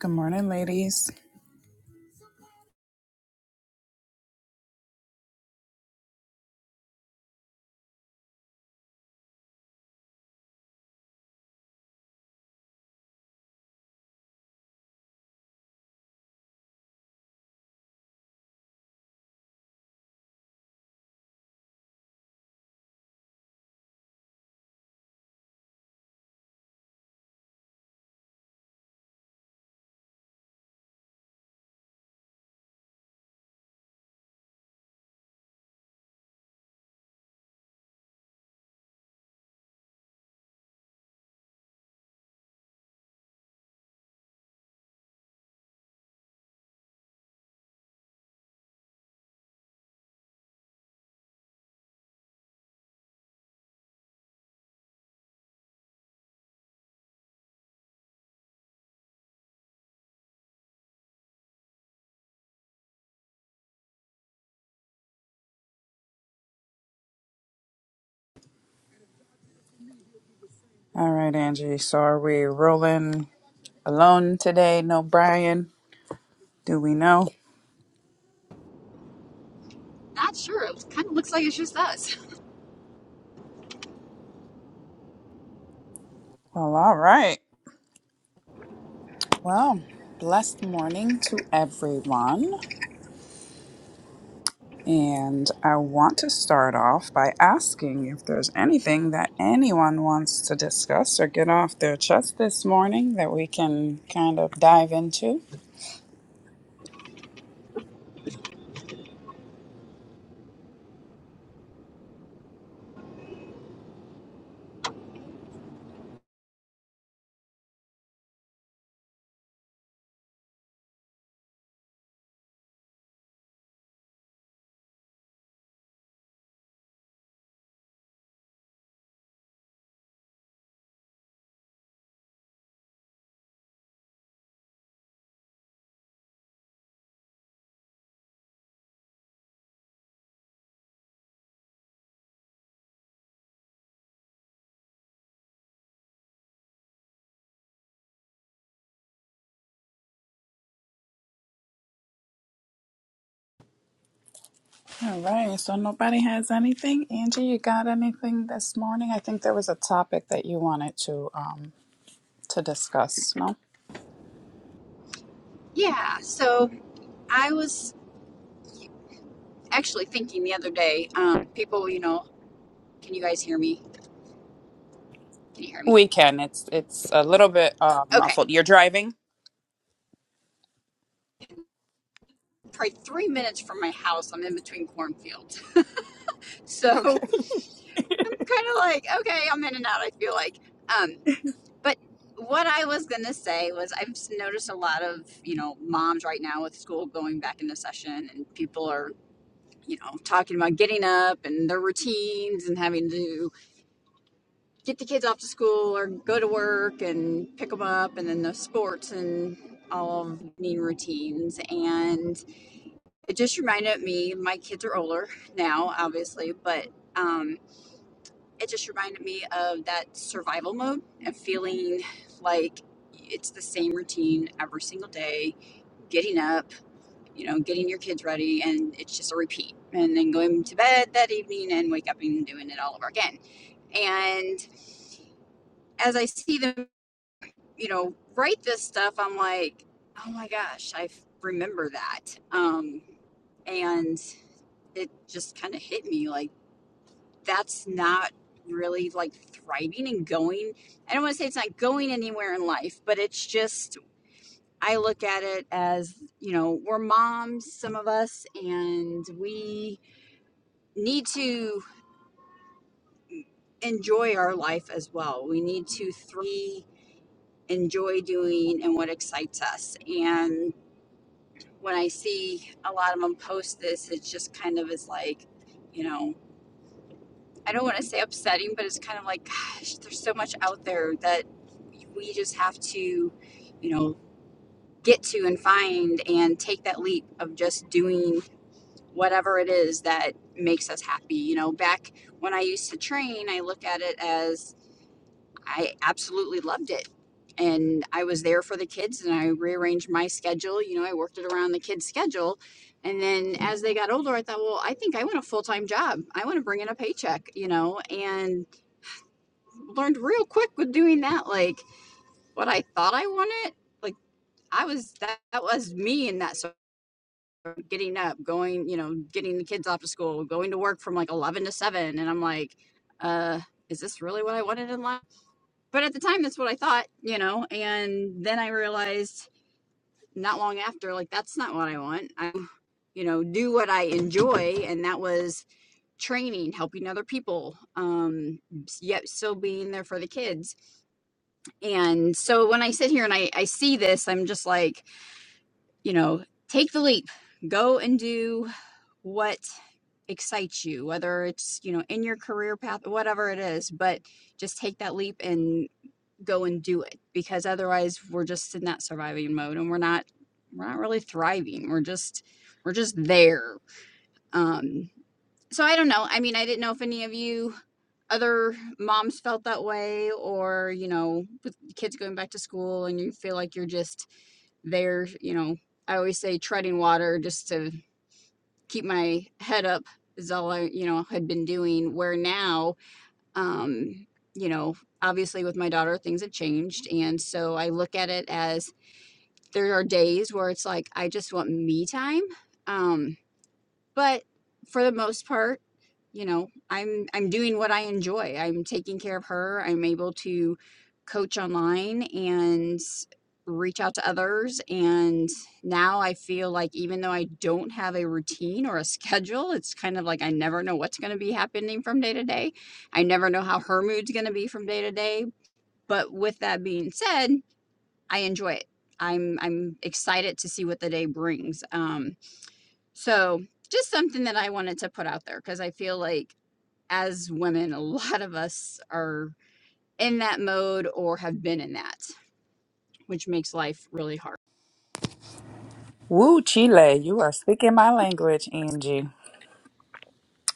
Good morning, ladies. All right, Angie. So are we rolling alone today? No Brian? Do we know? Not sure. It kind of looks like it's just us. Well, all right. Well, blessed morning to everyone. And I want to start off by asking if there's anything that anyone wants to discuss or get off their chest this morning that we can kind of dive into. All right. So nobody has anything. Angie, you got anything this morning? I think there was a topic that you wanted to um, to discuss. No, Yeah. So I was actually thinking the other day, um, people, you know, can you guys hear me? Can you hear me? we can. It's it's a little bit uh, Okay. muffled. You're driving. Probably three minutes from my house. I'm in between cornfields. So Okay. I'm kind of like, okay, I'm in and out, I feel like. Um, but what I was going to say was I've noticed a lot of, you know, moms right now with school going back into session and people are, you know, talking about getting up and their routines and having to do get the kids off to school or go to work and pick them up and then the sports and all of evening routines and it just reminded me my kids are older now obviously but um, it just reminded me of that survival mode and feeling like it's the same routine every single day getting up you know getting your kids ready and it's just a repeat and then going to bed that evening and wake up and doing it all over again and as I see them you know, write this stuff, I'm like, oh my gosh, I remember that. Um, and it just kind of hit me like, that's not really like thriving and going. I don't want to say it's not going anywhere in life, but it's just, I look at it as, you know, we're moms, some of us, and we need to enjoy our life as well. We need to three enjoy doing and what excites us. And when I see a lot of them post this, it just kind of is like, you know, I don't want to say upsetting, but it's kind of like, gosh, there's so much out there that we just have to, you know, get to and find and take that leap of just doing whatever it is that makes us happy. You know, back when I used to train, I look at it as I absolutely loved it. And I was there for the kids and I rearranged my schedule. You know, I worked it around the kids' schedule. And then as they got older, I thought, well, I think I want a full time job. I want to bring in a paycheck, you know, and learned real quick with doing that, like what I thought I wanted. Like I was, that, that was me in that sort of getting up, going, you know, getting the kids off to school, going to work from like 11 to 7. And I'm like, uh, is this really what I wanted in life? but at the time that's what i thought you know and then i realized not long after like that's not what i want i you know do what i enjoy and that was training helping other people um yet still being there for the kids and so when i sit here and i, I see this i'm just like you know take the leap go and do what excites you whether it's you know in your career path whatever it is but just take that leap and. go and do it because otherwise we're just in that surviving mode and we're not we're not really thriving we're just we're just there um so i don't know i mean i didn't know if any of you other moms felt that way or you know with kids going back to school and you feel like you're just there you know i always say treading water just to keep my head up is all i you know had been doing where now um, you know, obviously with my daughter, things have changed. And so I look at it as there are days where it's like, I just want me time. Um, but for the most part you know i'm i'm doing what i enjoy i'm taking care of her i'm able to coach online and reach out to others and now i feel like even though i don't have a routine or a schedule it's kind of like i never know what's going to be happening from day to day i never know how her mood's going to be from day to day but with that being said i enjoy it i'm i'm excited to see what the day brings um so, just something that I wanted to put out there because I feel like as women, a lot of us are in that mode or have been in that, which makes life really hard. Woo, Chile! You are speaking my language, Angie.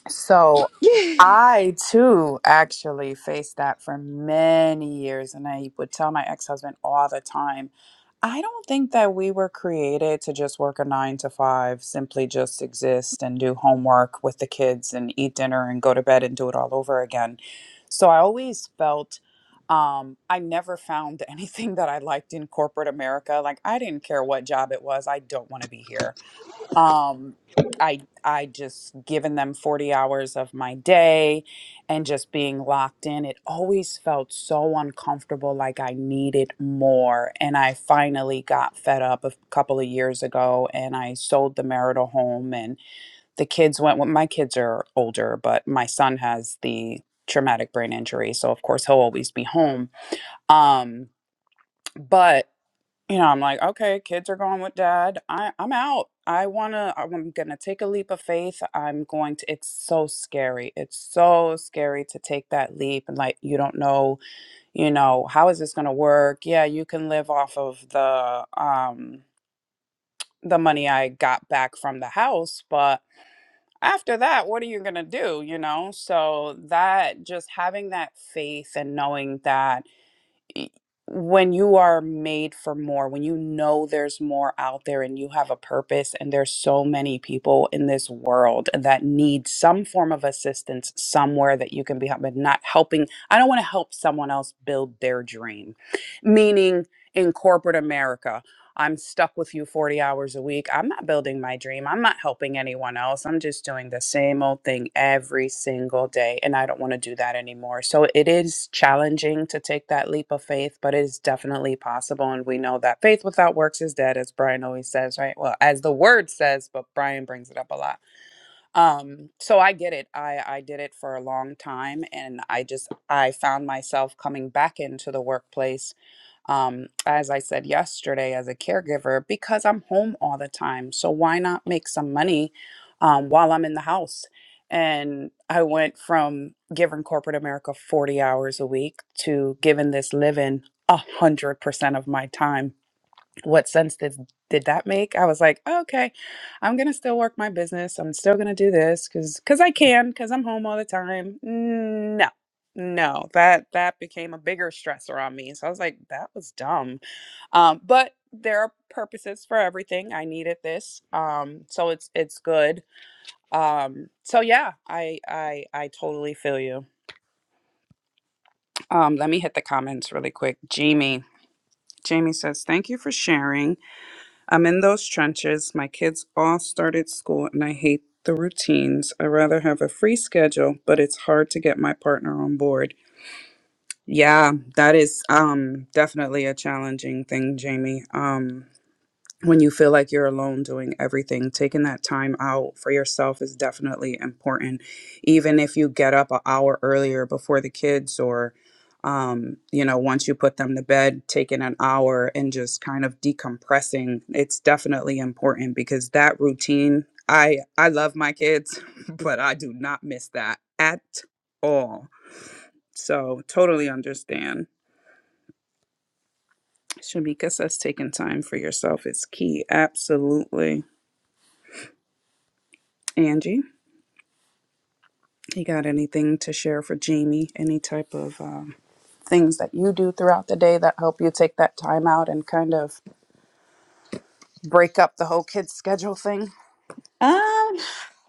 So I too actually faced that for many years, and I would tell my ex husband all the time I don't think that we were created to just work a nine to five, simply just exist and do homework with the kids and eat dinner and go to bed and do it all over again. So I always felt um, I never found anything that I liked in corporate America. Like, I didn't care what job it was, I don't want to be here um i i just given them 40 hours of my day and just being locked in it always felt so uncomfortable like i needed more and i finally got fed up a couple of years ago and i sold the marital home and the kids went well, my kids are older but my son has the traumatic brain injury so of course he'll always be home um but you know, I'm like, okay, kids are going with dad. I, I'm out. I wanna, I'm gonna take a leap of faith. I'm going to, it's so scary. It's so scary to take that leap. And like, you don't know, you know, how is this gonna work? Yeah, you can live off of the, um, the money I got back from the house, but after that, what are you gonna do? You know, so that just having that faith and knowing that y- when you are made for more, when you know there's more out there and you have a purpose, and there's so many people in this world that need some form of assistance somewhere that you can be helping not helping. I don't want to help someone else build their dream, meaning in corporate America. I'm stuck with you 40 hours a week. I'm not building my dream. I'm not helping anyone else. I'm just doing the same old thing every single day. And I don't want to do that anymore. So it is challenging to take that leap of faith, but it is definitely possible. And we know that faith without works is dead, as Brian always says, right? Well, as the word says, but Brian brings it up a lot. Um, so I get it. I, I did it for a long time. And I just, I found myself coming back into the workplace um, as I said yesterday, as a caregiver because I'm home all the time. So why not make some money um, while I'm in the house? And I went from giving corporate America 40 hours a week to giving this living 100% of my time what sense did did that make? I was like, "Oh, okay, I'm gonna still work my business. I'm still gonna do this because because I can because I'm home all the time. No, no, that that became a bigger stressor on me. So I was like, that was dumb. Um, but there are purposes for everything. I needed this, um, so it's it's good. Um, so yeah, I I I totally feel you. Um, let me hit the comments really quick. Jamie, Jamie says, thank you for sharing. I'm in those trenches. My kids all started school and I hate the routines. I rather have a free schedule, but it's hard to get my partner on board. Yeah, that is um definitely a challenging thing, Jamie. Um when you feel like you're alone doing everything, taking that time out for yourself is definitely important. Even if you get up an hour earlier before the kids, or, um, you know, once you put them to bed, taking an hour and just kind of decompressing, it's definitely important because that routine, I, I love my kids, but I do not miss that at all. So, totally understand. Shamika says taking time for yourself is key. Absolutely. Angie? You got anything to share for Jamie? Any type of um, things that you do throughout the day that help you take that time out and kind of break up the whole kids schedule thing? Um,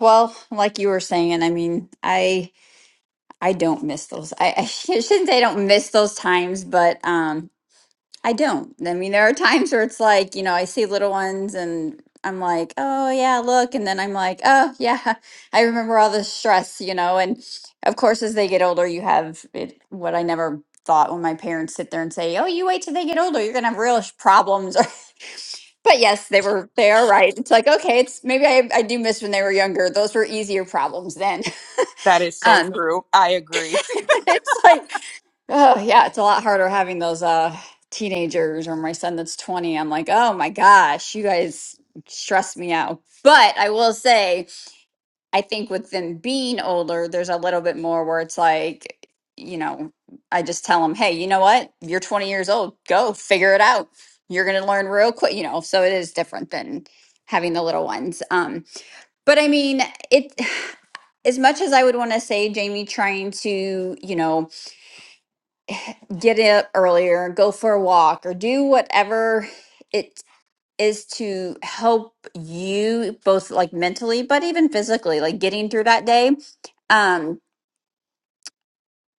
well, like you were saying, I mean, I I don't miss those. I, I shouldn't say I don't miss those times, but um I don't. I mean, there are times where it's like, you know, I see little ones and I'm like, oh, yeah, look. And then I'm like, oh, yeah, I remember all the stress, you know. And of course, as they get older, you have it, what I never thought when my parents sit there and say, oh, you wait till they get older, you're going to have real sh- problems. but yes, they were, they are right. It's like, okay, it's maybe I, I do miss when they were younger. Those were easier problems then. That is so Um, true. I agree. it's like, Oh, yeah, it's a lot harder having those uh teenagers or my son that's 20. I'm like, "Oh my gosh, you guys stress me out." But I will say, I think with them being older, there's a little bit more where it's like, you know, I just tell them, "Hey, you know what? You're 20 years old. Go figure it out. You're going to learn real quick, you know." So it is different than having the little ones. Um, but I mean, it as much as I would want to say Jamie trying to, you know, get up earlier, go for a walk, or do whatever it is to help you both like mentally, but even physically, like getting through that day. Um,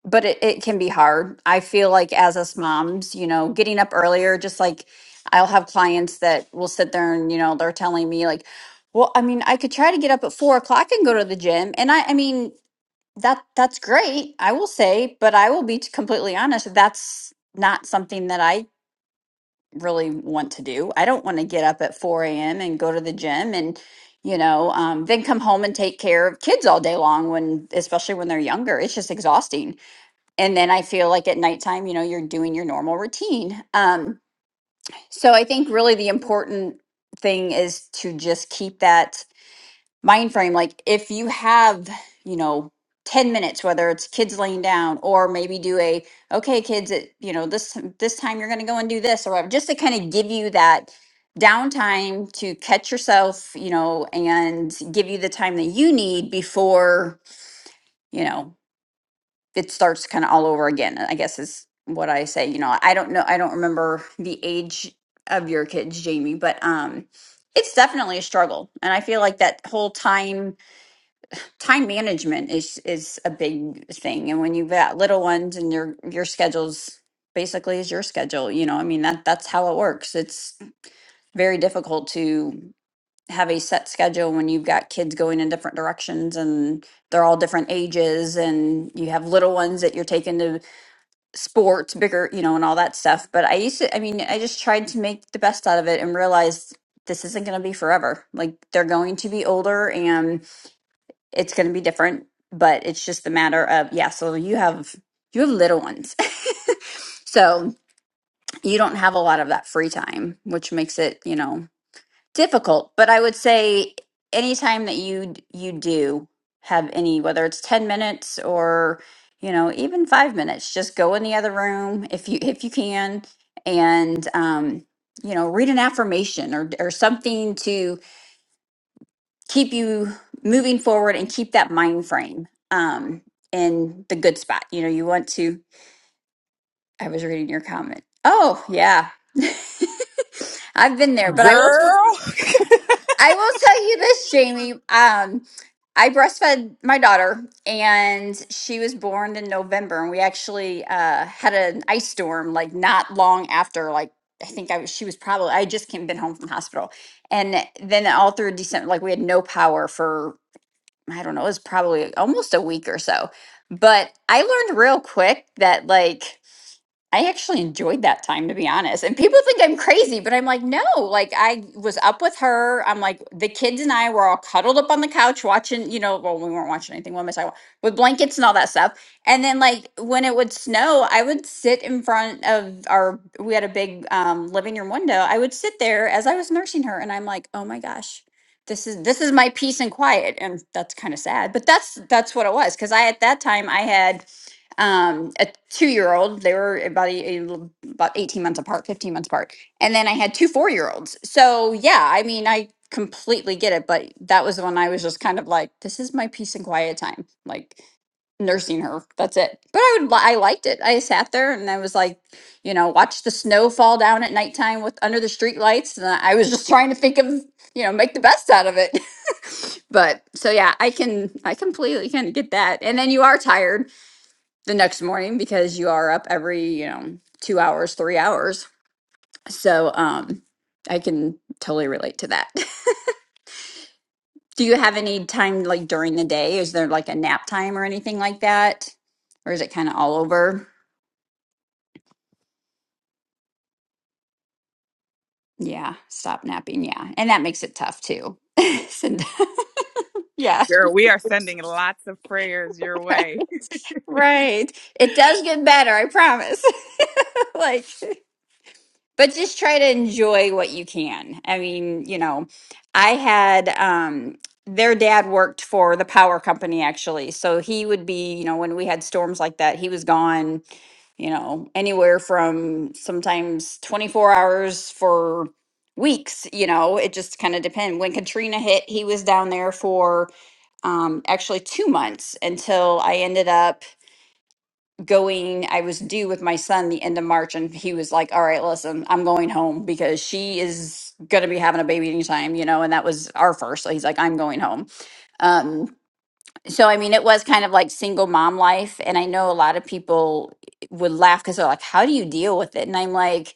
but it, it can be hard. I feel like as us moms, you know, getting up earlier, just like I'll have clients that will sit there and, you know, they're telling me like, well, I mean, I could try to get up at four o'clock and go to the gym. And I, I mean, that that's great, I will say, but I will be t- completely honest, that's not something that I really want to do. I don't want to get up at 4 a.m. and go to the gym and, you know, um, then come home and take care of kids all day long when, especially when they're younger. It's just exhausting. And then I feel like at nighttime, you know, you're doing your normal routine. Um, so I think really the important thing is to just keep that mind frame like if you have you know 10 minutes whether it's kids laying down or maybe do a okay kids it, you know this this time you're going to go and do this or whatever just to kind of give you that downtime to catch yourself you know and give you the time that you need before you know it starts kind of all over again i guess is what i say you know i don't know i don't remember the age of your kids jamie but um it's definitely a struggle and i feel like that whole time time management is is a big thing and when you've got little ones and your your schedule's basically is your schedule you know i mean that that's how it works it's very difficult to have a set schedule when you've got kids going in different directions and they're all different ages and you have little ones that you're taking to sports bigger you know and all that stuff but i used to i mean i just tried to make the best out of it and realized this isn't going to be forever like they're going to be older it's going to be different but it's just a matter of yeah so you have you have little ones so you don't have a lot of that free time which makes it you know difficult but i would say anytime that you you do have any whether it's 10 minutes or you know even five minutes just go in the other room if you if you can and um you know read an affirmation or or something to. keep you moving forward and keep that mind frame um in the good spot you know you want to i was reading your comment oh yeah i've been there but i will Girl, i will tell you this jamie um i breastfed my daughter and she was born in november and we actually uh had an ice storm like not long after like i think i was she was probably i had just came been home from hospital and then all through december like we had no power for I don't know, it was probably almost a week or so. But I learned real quick that like I actually enjoyed that time, to be honest. And people think I'm crazy, but I'm like, no, like I was up with her. I'm like, the kids and I were all cuddled up on the couch watching, you know, well, we weren't watching anything. What am I talking about? With blankets and all that stuff. And then, like, when it would snow, I would sit in front of our, we had a big um, living room window. I would sit there as I was nursing her. And I'm like, oh my gosh. This is this is my peace and quiet, and that's kind of sad. But that's that's what it was because I at that time I had um, a two year old. They were about a, a about eighteen months apart, fifteen months apart, and then I had two four year olds. So yeah, I mean, I completely get it. But that was when I was just kind of like, this is my peace and quiet time, like nursing her. That's it. But I would, li- I liked it. I sat there and I was like, you know, watch the snow fall down at nighttime with under the street lights, and I was just trying to think of, you know, make the best out of it. but so yeah, I can, I completely kind of get that. And then you are tired the next morning because you are up every, you know, two hours, three hours. So um, I can totally relate to that. Do you have any time like during the day? Is there like a nap time or anything like that? Or is it kind of all over? Yeah, stop napping. Yeah. And that makes it tough too. And- yeah. Girl, we are sending lots of prayers your way. Right. It does get better, I promise. like but just try to enjoy what you can. I mean, you know, I had um their dad worked for the power company actually. So he would be, you know, when we had storms like that, he was gone, you know, anywhere from sometimes 24 hours for weeks, you know, it just kind of depend. When Katrina hit, he was down there for um actually 2 months until I ended up going i was due with my son the end of march and he was like all right listen i'm going home because she is going to be having a baby anytime you know and that was our first so he's like i'm going home um so, I mean, it was kind of like single mom life. And I know a lot of people would laugh because they're like, how do you deal with it? And I'm like,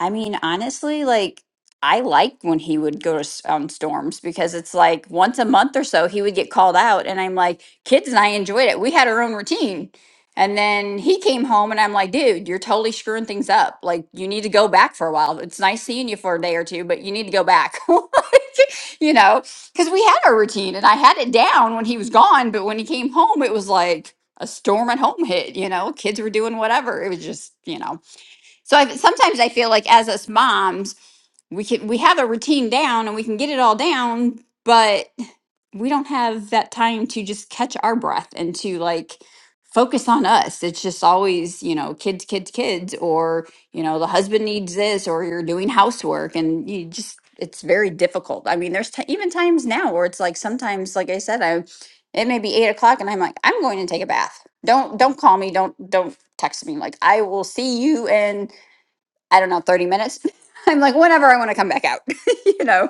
I mean, honestly, like, I liked when he would go to s- on storms because it's like once a month or so he would get called out. And I'm like, kids and I enjoyed it. We had our own routine. And then he came home and I'm like, dude, you're totally screwing things up. Like, you need to go back for a while. It's nice seeing you for a day or two, but you need to go back. Like, you know? because we had our routine and I had it down when he was gone, but when he came home, it was like a storm at home hit, you know, kids were doing whatever. It was just, you know. So I sometimes I feel like as us moms, we can we have a routine down and we can get it all down, but we don't have that time to just catch our breath and to like focus on us. It's just always, you know, kids, kids, kids, or, you know, the husband needs this, or you're doing housework and you just, it's very difficult. I mean, there's t- even times now where it's like sometimes, like I said, I, it may be eight o'clock and I'm like, I'm going to take a bath. Don't, don't call me. Don't, don't text me. Like, I will see you in, I don't know, 30 minutes. I'm like, whenever I want to come back out, you know?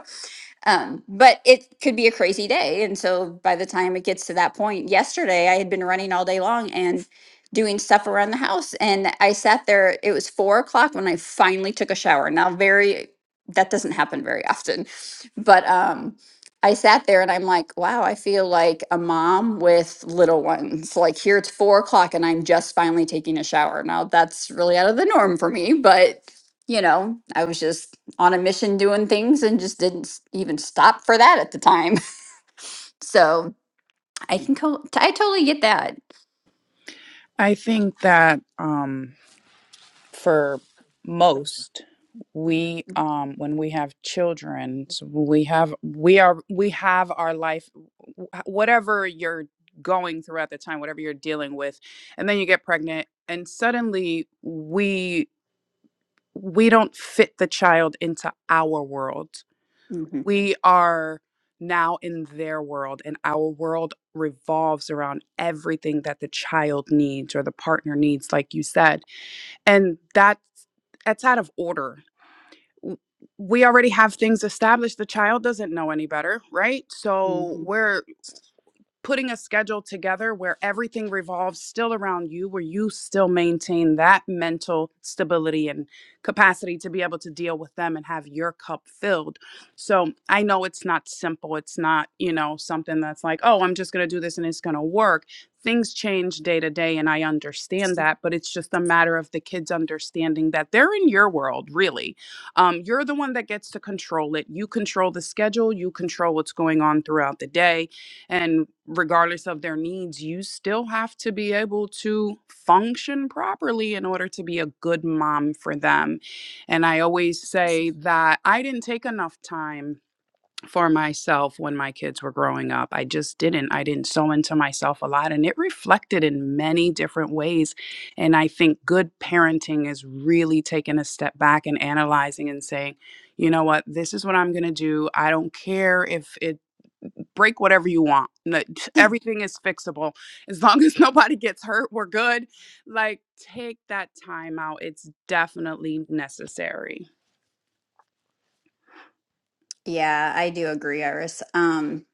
Um, but it could be a crazy day. And so by the time it gets to that point, yesterday I had been running all day long and doing stuff around the house. And I sat there, it was four o'clock when I finally took a shower. Now, very, that doesn't happen very often. But um, I sat there and I'm like, wow, I feel like a mom with little ones. Like here it's four o'clock and I'm just finally taking a shower. Now, that's really out of the norm for me. But, you know, I was just on a mission doing things and just didn't s- even stop for that at the time. so I can co- I totally get that. I think that. um, for most we um when we have children so we have we are we have our life w- whatever you're going through at the time whatever you're dealing with and then you get pregnant and suddenly we we don't fit the child into our world hmm we are now in their world and our world revolves around everything that the child needs or the partner needs like you said and that's that's out of order we already have things established the child doesn't know any better right so hmm we're putting a schedule together where everything revolves still around you, where you still maintain that mental stability and capacity to be able to deal with them and have your cup filled. So I know it's not simple. It's not, you know, something that's like, oh, I'm just going to do this and it's going to work. Things change day to day, and I understand that, but it's just a matter of the kids understanding that they're in your world, really. Um, you're the one that gets to control it. You control the schedule, you control what's going on throughout the day and regardless of their needs, you still have to be able to function properly in order to be a good mom for them. And I always say that I didn't take enough time for myself when my kids were growing up. I just didn't. I didn't sew into myself a lot. And it reflected in many different ways. And I think good parenting is really taking a step back and analyzing and saying, you know what, this is what I'm going to do. I don't care if it break whatever you want. No- Everything is fixable. As long as nobody gets hurt, we're good. Like, take that time out. It's definitely necessary. Yeah, I do agree, Iris. Um,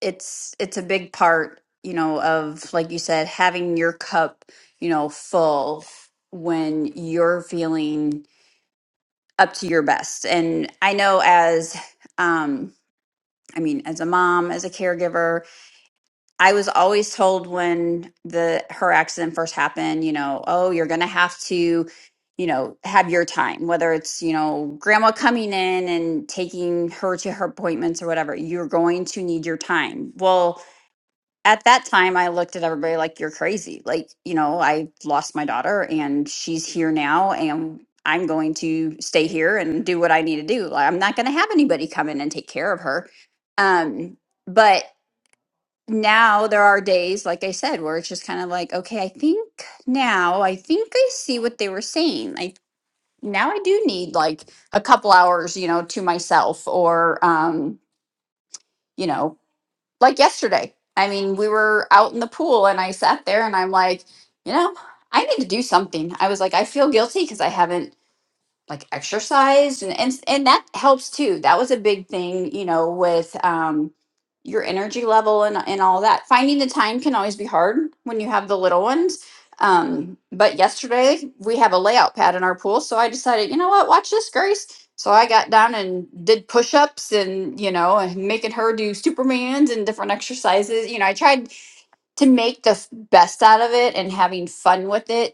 it's it's a big part, you know, of like you said, having your cup, you know, full when you're feeling up to your best. And I know as um, I mean, as a mom, as a caregiver, I was always told when the her accident first happened, you know, oh, you're going to have to, you know, have your time, whether it's, you know, grandma coming in and taking her to her appointments or whatever, you're going to need your time. Well, at that time I looked at everybody like you're crazy. Like, you know, I lost my daughter and she's here now and I'm going to stay here and do what I need to do. Like, I'm not going to have anybody come in and take care of her. Um, but now there are days, like I said, where it's just kind of like, okay, I think now, I think I see what they were saying. I now I do need like a couple hours, you know, to myself or um, you know, like yesterday. I mean, we were out in the pool and I sat there and I'm like, you know, I need to do something. I was like, I feel guilty because I haven't like exercise and, and and that helps too that was a big thing you know with um your energy level and and all that finding the time can always be hard when you have the little ones um but yesterday we have a layout pad in our pool so i decided you know what watch this grace so i got down and did push-ups and you know and making her do supermans and different exercises you know i tried to make the f- best out of it and having fun with it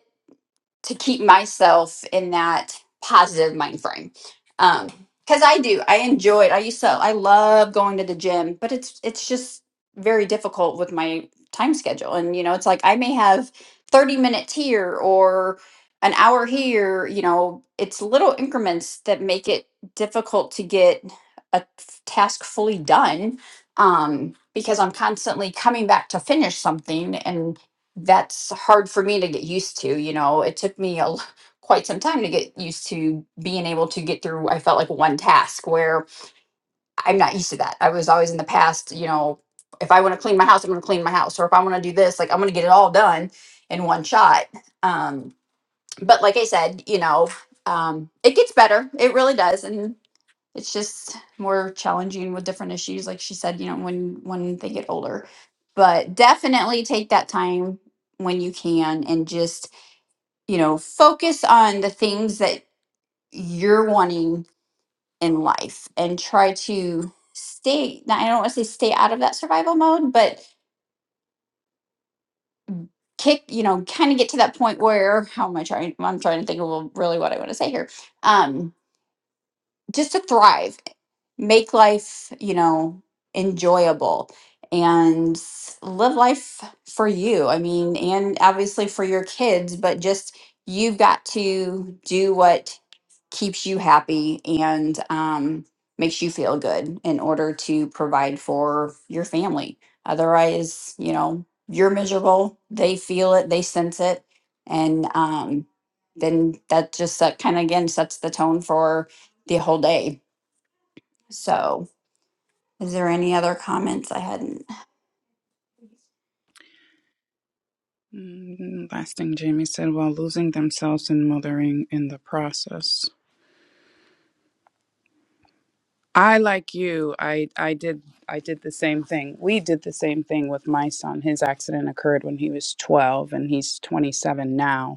to keep myself in that positive mind frame. Um, because I do, I enjoy it. I used to, I love going to the gym, but it's it's just very difficult with my time schedule. And you know, it's like I may have thirty minutes here or an hour here. You know, it's little increments that make it difficult to get a f- task fully done um, because I'm constantly coming back to finish something that's hard for me to get used to you know it took me a l- quite some time to get used to being able to get through i felt like one task where i'm not used to that i was always in the past you know if i want to clean my house i'm going to clean my house or if i want to do this like i'm going to get it all done in one shot um but like i said you know um it gets better it really does And it's just more challenging with different issues like she said you know when when they get older but definitely take that time when you can and just you know focus on the things that you're wanting in life and try to stay now, i don't want to say stay out of that survival mode but kick you know kind of get to that point where how am i trying i'm trying to think of really what i want to say here um just to thrive make life, you know, enjoyable and live life for you. I mean, and obviously for your kids, but just you've got to do what keeps you happy and um, makes you feel good in order to provide for your family. Otherwise, you know, you're miserable. They feel it, they sense it. And um, then that just uh, kind of again sets the tone for the whole day. So, is there any other comments I hadn't? Mm, Last thing Jamie said while losing themselves and mothering in the process. I like you. I I did I did the same thing. We did the same thing with my son. His accident occurred when he was 12 and he's 27 now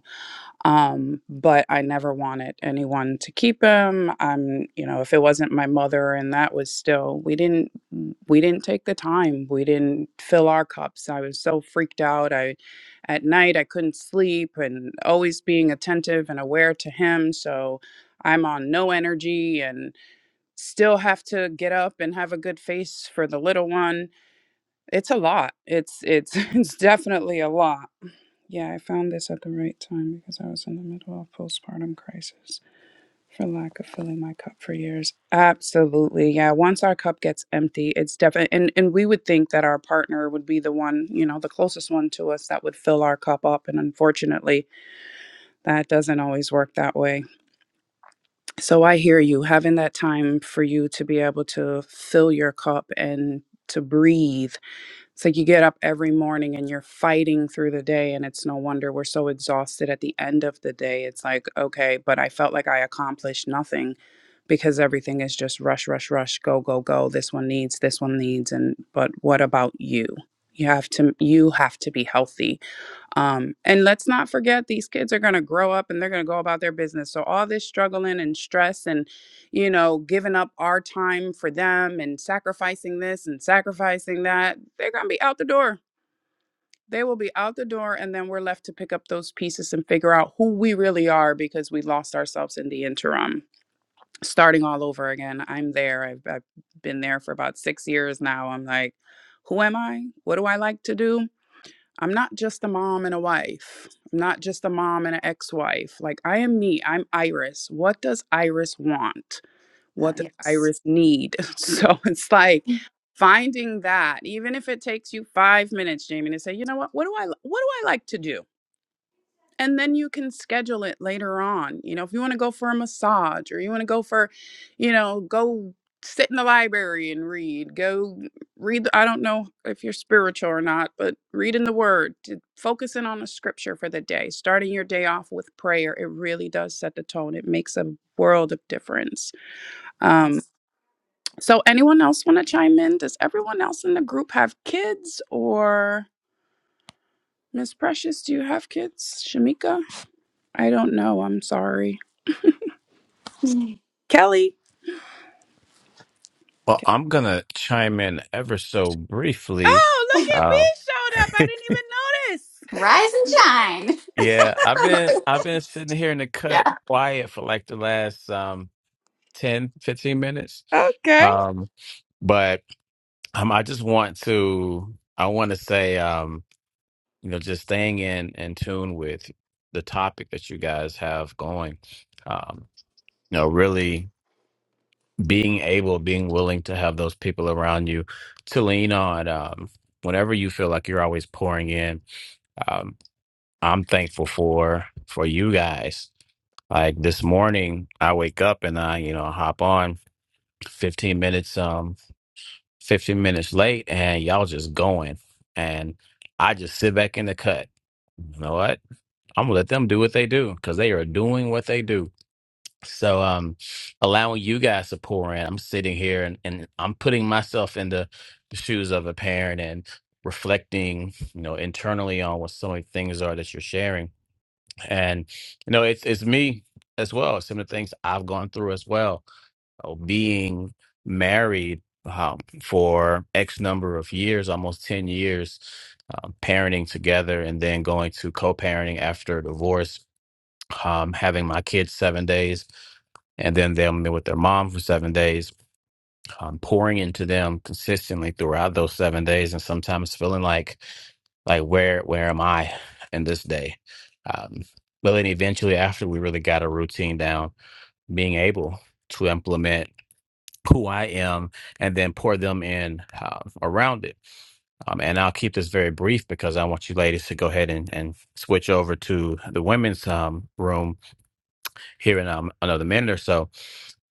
um but i never wanted anyone to keep him i'm you know if it wasn't my mother and that was still we didn't we didn't take the time we didn't fill our cups i was so freaked out i at night i couldn't sleep and always being attentive and aware to him so i'm on no energy and still have to get up and have a good face for the little one it's a lot it's it's it's definitely a lot yeah, I found this at the right time because I was in the middle of postpartum crisis for lack of filling my cup for years. Absolutely. Yeah, once our cup gets empty, it's definitely and and we would think that our partner would be the one, you know, the closest one to us that would fill our cup up and unfortunately, that doesn't always work that way. So I hear you having that time for you to be able to fill your cup and to breathe it's like you get up every morning and you're fighting through the day, and it's no wonder we're so exhausted at the end of the day. It's like, okay, but I felt like I accomplished nothing because everything is just rush, rush, rush, go, go, go. This one needs, this one needs, and but what about you? You have to you have to be healthy um, and let's not forget these kids are going to grow up and they're going to go about their business. So all this struggling and stress and you know giving up our time for them and sacrificing this and sacrificing that, they're going to be out the door. They will be out the door and then we're left to pick up those pieces and figure out who we really are because we lost ourselves in the interim. Starting all over again. I'm there. I've, I've been there for about 6 years now. I'm like, who am I? What do I like to do? I'm not just a mom and a wife. I'm not just a mom and an ex-wife. Like I am me. I'm Iris. What does Iris want? Uh, What does yes. Iris need? So it's like finding that, even if it takes you five minutes, Jamie, to say, you know what? What do I what do I like to do? and then you can schedule it later on you know if you want to go for a massage or you want to go for you know go sit in the library and read go read i don't know if you're spiritual or not but read in the word to focus in on the scripture for the day starting your day off with prayer it really does set the tone it makes a world of difference um, Yes. so anyone else want to chime in does everyone else in the group have kids or miss precious do you have kids shamika i don't know i'm sorry Kelly. Well, I'm gonna chime in ever so briefly. Oh, look at B Uh, showed up. I didn't even notice. Rise and shine. yeah, I've been I've been sitting here in the Yeah. cut quiet for like the last um 10, fifteen minutes. Okay. Um, but um, I just want to I want to say um, you know, just staying in in tune with the topic that you guys have going. Um, you know, really being able, being willing to have those people around you to lean on um whenever you feel like you're always pouring in um, I'm thankful for for you guys. Like this morning, I wake up and I, you know, hop on 15 minutes, um, 15 minutes late, and y'all just going, and I just sit back in the cut. You know what? I'm gonna let them do what they do because they are doing what they do. So, um, allowing you guys to pour in, I'm sitting here and, and I'm putting myself in the the shoes of a parent and reflecting, you know, internally on what so many things are that you're sharing and you know it's it's me as well some of the things i've gone through as well Oh, being married um, for x number of years almost 10 years um, parenting together and then going to co-parenting after divorce um, having my kids seven days and then them with their mom for seven days um, pouring into them consistently throughout those seven days and sometimes feeling like like where where am I in this day? Um, but then eventually, after we really got a routine down, being able to implement who I am and then pour them in uh, around it. Um, and I'll keep this very brief because I want you ladies to go ahead and, and switch over to the women's um, room here in um, another minute or so.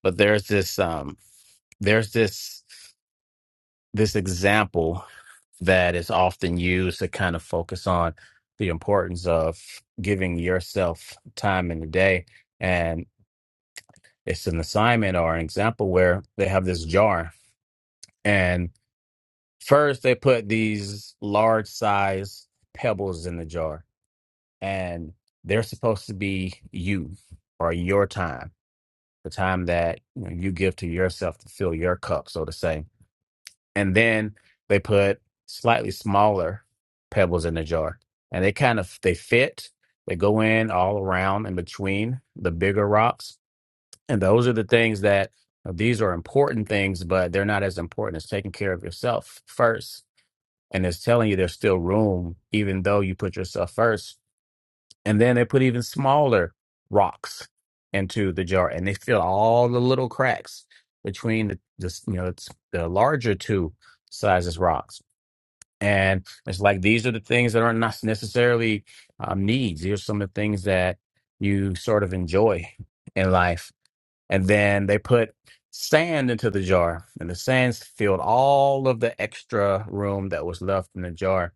But there's this um, there's this this example that is often used to kind of focus on the importance of giving yourself time in the day. And it's an assignment or an example where they have this jar. And first, they put these large size pebbles in the jar, and they're supposed to be you or your time, the time that you, know, you give to yourself to fill your cup, so to say and then they put slightly smaller pebbles in the jar and they kind of they fit they go in all around in between the bigger rocks and those are the things that uh, these are important things but they're not as important as taking care of yourself first and it's telling you there's still room even though you put yourself first and then they put even smaller rocks into the jar and they fill all the little cracks between the, the you know it's the larger two sizes rocks and it's like these are the things that are not necessarily um, needs. Here's some of the things that you sort of enjoy in life. And then they put sand into the jar, and the sands filled all of the extra room that was left in the jar.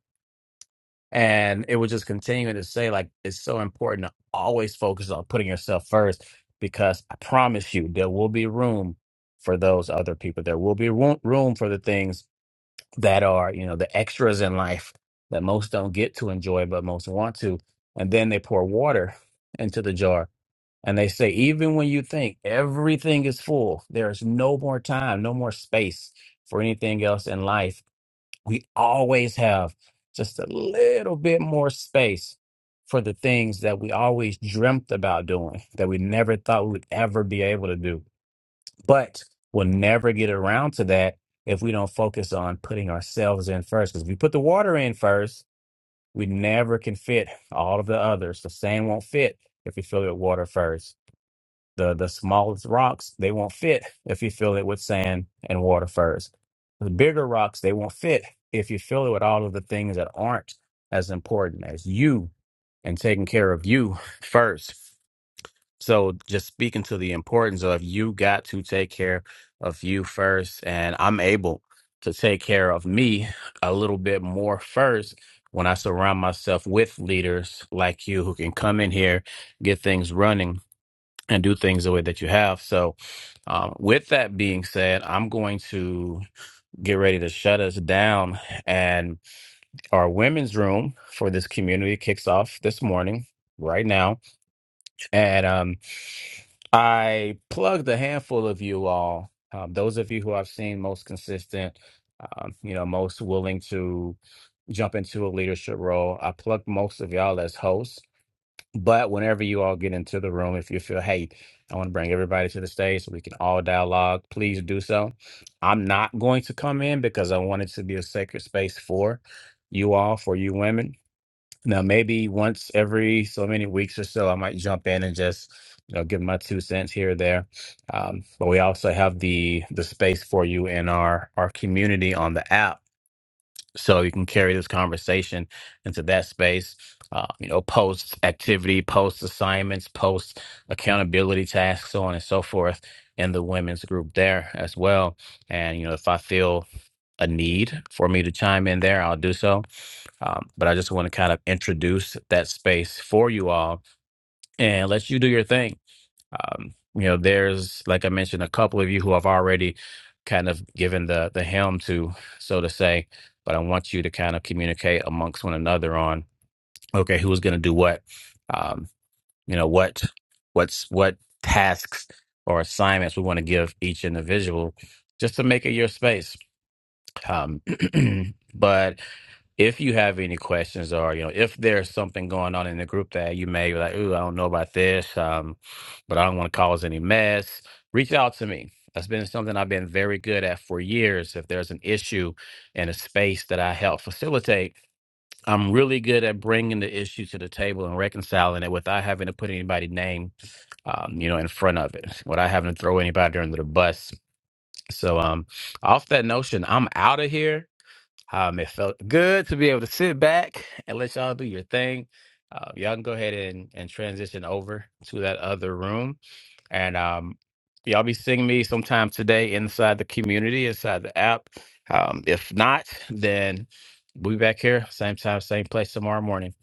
And it was just continuing to say, like, it's so important to always focus on putting yourself first because I promise you, there will be room for those other people. There will be room room for the things that are you know the extras in life that most don't get to enjoy but most want to and then they pour water into the jar and they say even when you think everything is full there's no more time no more space for anything else in life we always have just a little bit more space for the things that we always dreamt about doing that we never thought we would ever be able to do but we'll never get around to that if we don't focus on putting ourselves in first. Because if we put the water in first, we never can fit all of the others. The sand won't fit if you fill it with water first. The the smallest rocks they won't fit if you fill it with sand and water first. The bigger rocks they won't fit if you fill it with all of the things that aren't as important as you and taking care of you first. So just speaking to the importance of you got to take care of you first, and I'm able to take care of me a little bit more first when I surround myself with leaders like you who can come in here, get things running, and do things the way that you have. So, um, with that being said, I'm going to get ready to shut us down, and our women's room for this community kicks off this morning right now and um, I plugged a handful of you all, um, those of you who I've seen most consistent, um, you know, most willing to jump into a leadership role. I plugged most of y'all as hosts. But whenever you all get into the room, if you feel, hey, I want to bring everybody to the stage so we can all dialogue, please do so. I'm not going to come in because I want it to be a sacred space for you all, for you women. Now, maybe once every so many weeks or so, I might jump in and just, you know, give my two cents here or there. Um, but we also have the the space for you in our our community on the app, so you can carry this conversation into that space. Uh, you know, post activity, post assignments, post accountability tasks, so on and so forth in the women's group there as well. And you know, if I feel a need for me to chime in there, I'll do so. Um, but I just want to kind of introduce that space for you all and let you do your thing. Um, you know, there's like I mentioned, a couple of you who have already kind of given the the helm to, so to say. But I want you to kind of communicate amongst one another on okay, who's going to do what? Um, you know, what what's what tasks or assignments we want to give each individual just to make it your space. Um, but if you have any questions or you know if there's something going on in the group that you may be like ooh I don't know about this um but I don't want to cause any mess reach out to me that's been something I've been very good at for years if there's an issue in a space that I help facilitate I'm really good at bringing the issue to the table and reconciling it without having to put anybody's name um you know in front of it without having to throw anybody under the bus so um off that notion I'm out of here um, it felt good to be able to sit back and let y'all do your thing. Uh, y'all can go ahead and, and transition over to that other room. And um, y'all be seeing me sometime today inside the community, inside the app. Um, if not, then we'll be back here, same time, same place tomorrow morning.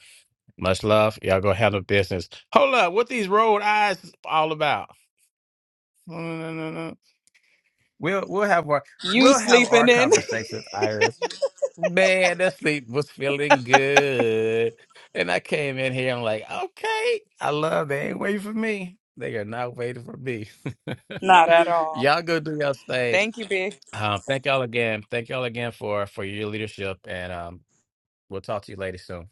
Much love. Y'all go handle business. Hold up, what these rolled eyes is all about? No, no, no, no. no. We'll we'll have our we'll have our conversation, Iris. Man, that sleep was feeling good. And I came in here, I'm like, okay, I love they ain't waiting for me. They are not waiting for me. Not at all. y'all go do y'all thing. Um, thank y'all again. Thank y'all again for for your leadership. And um, we'll talk to you later soon.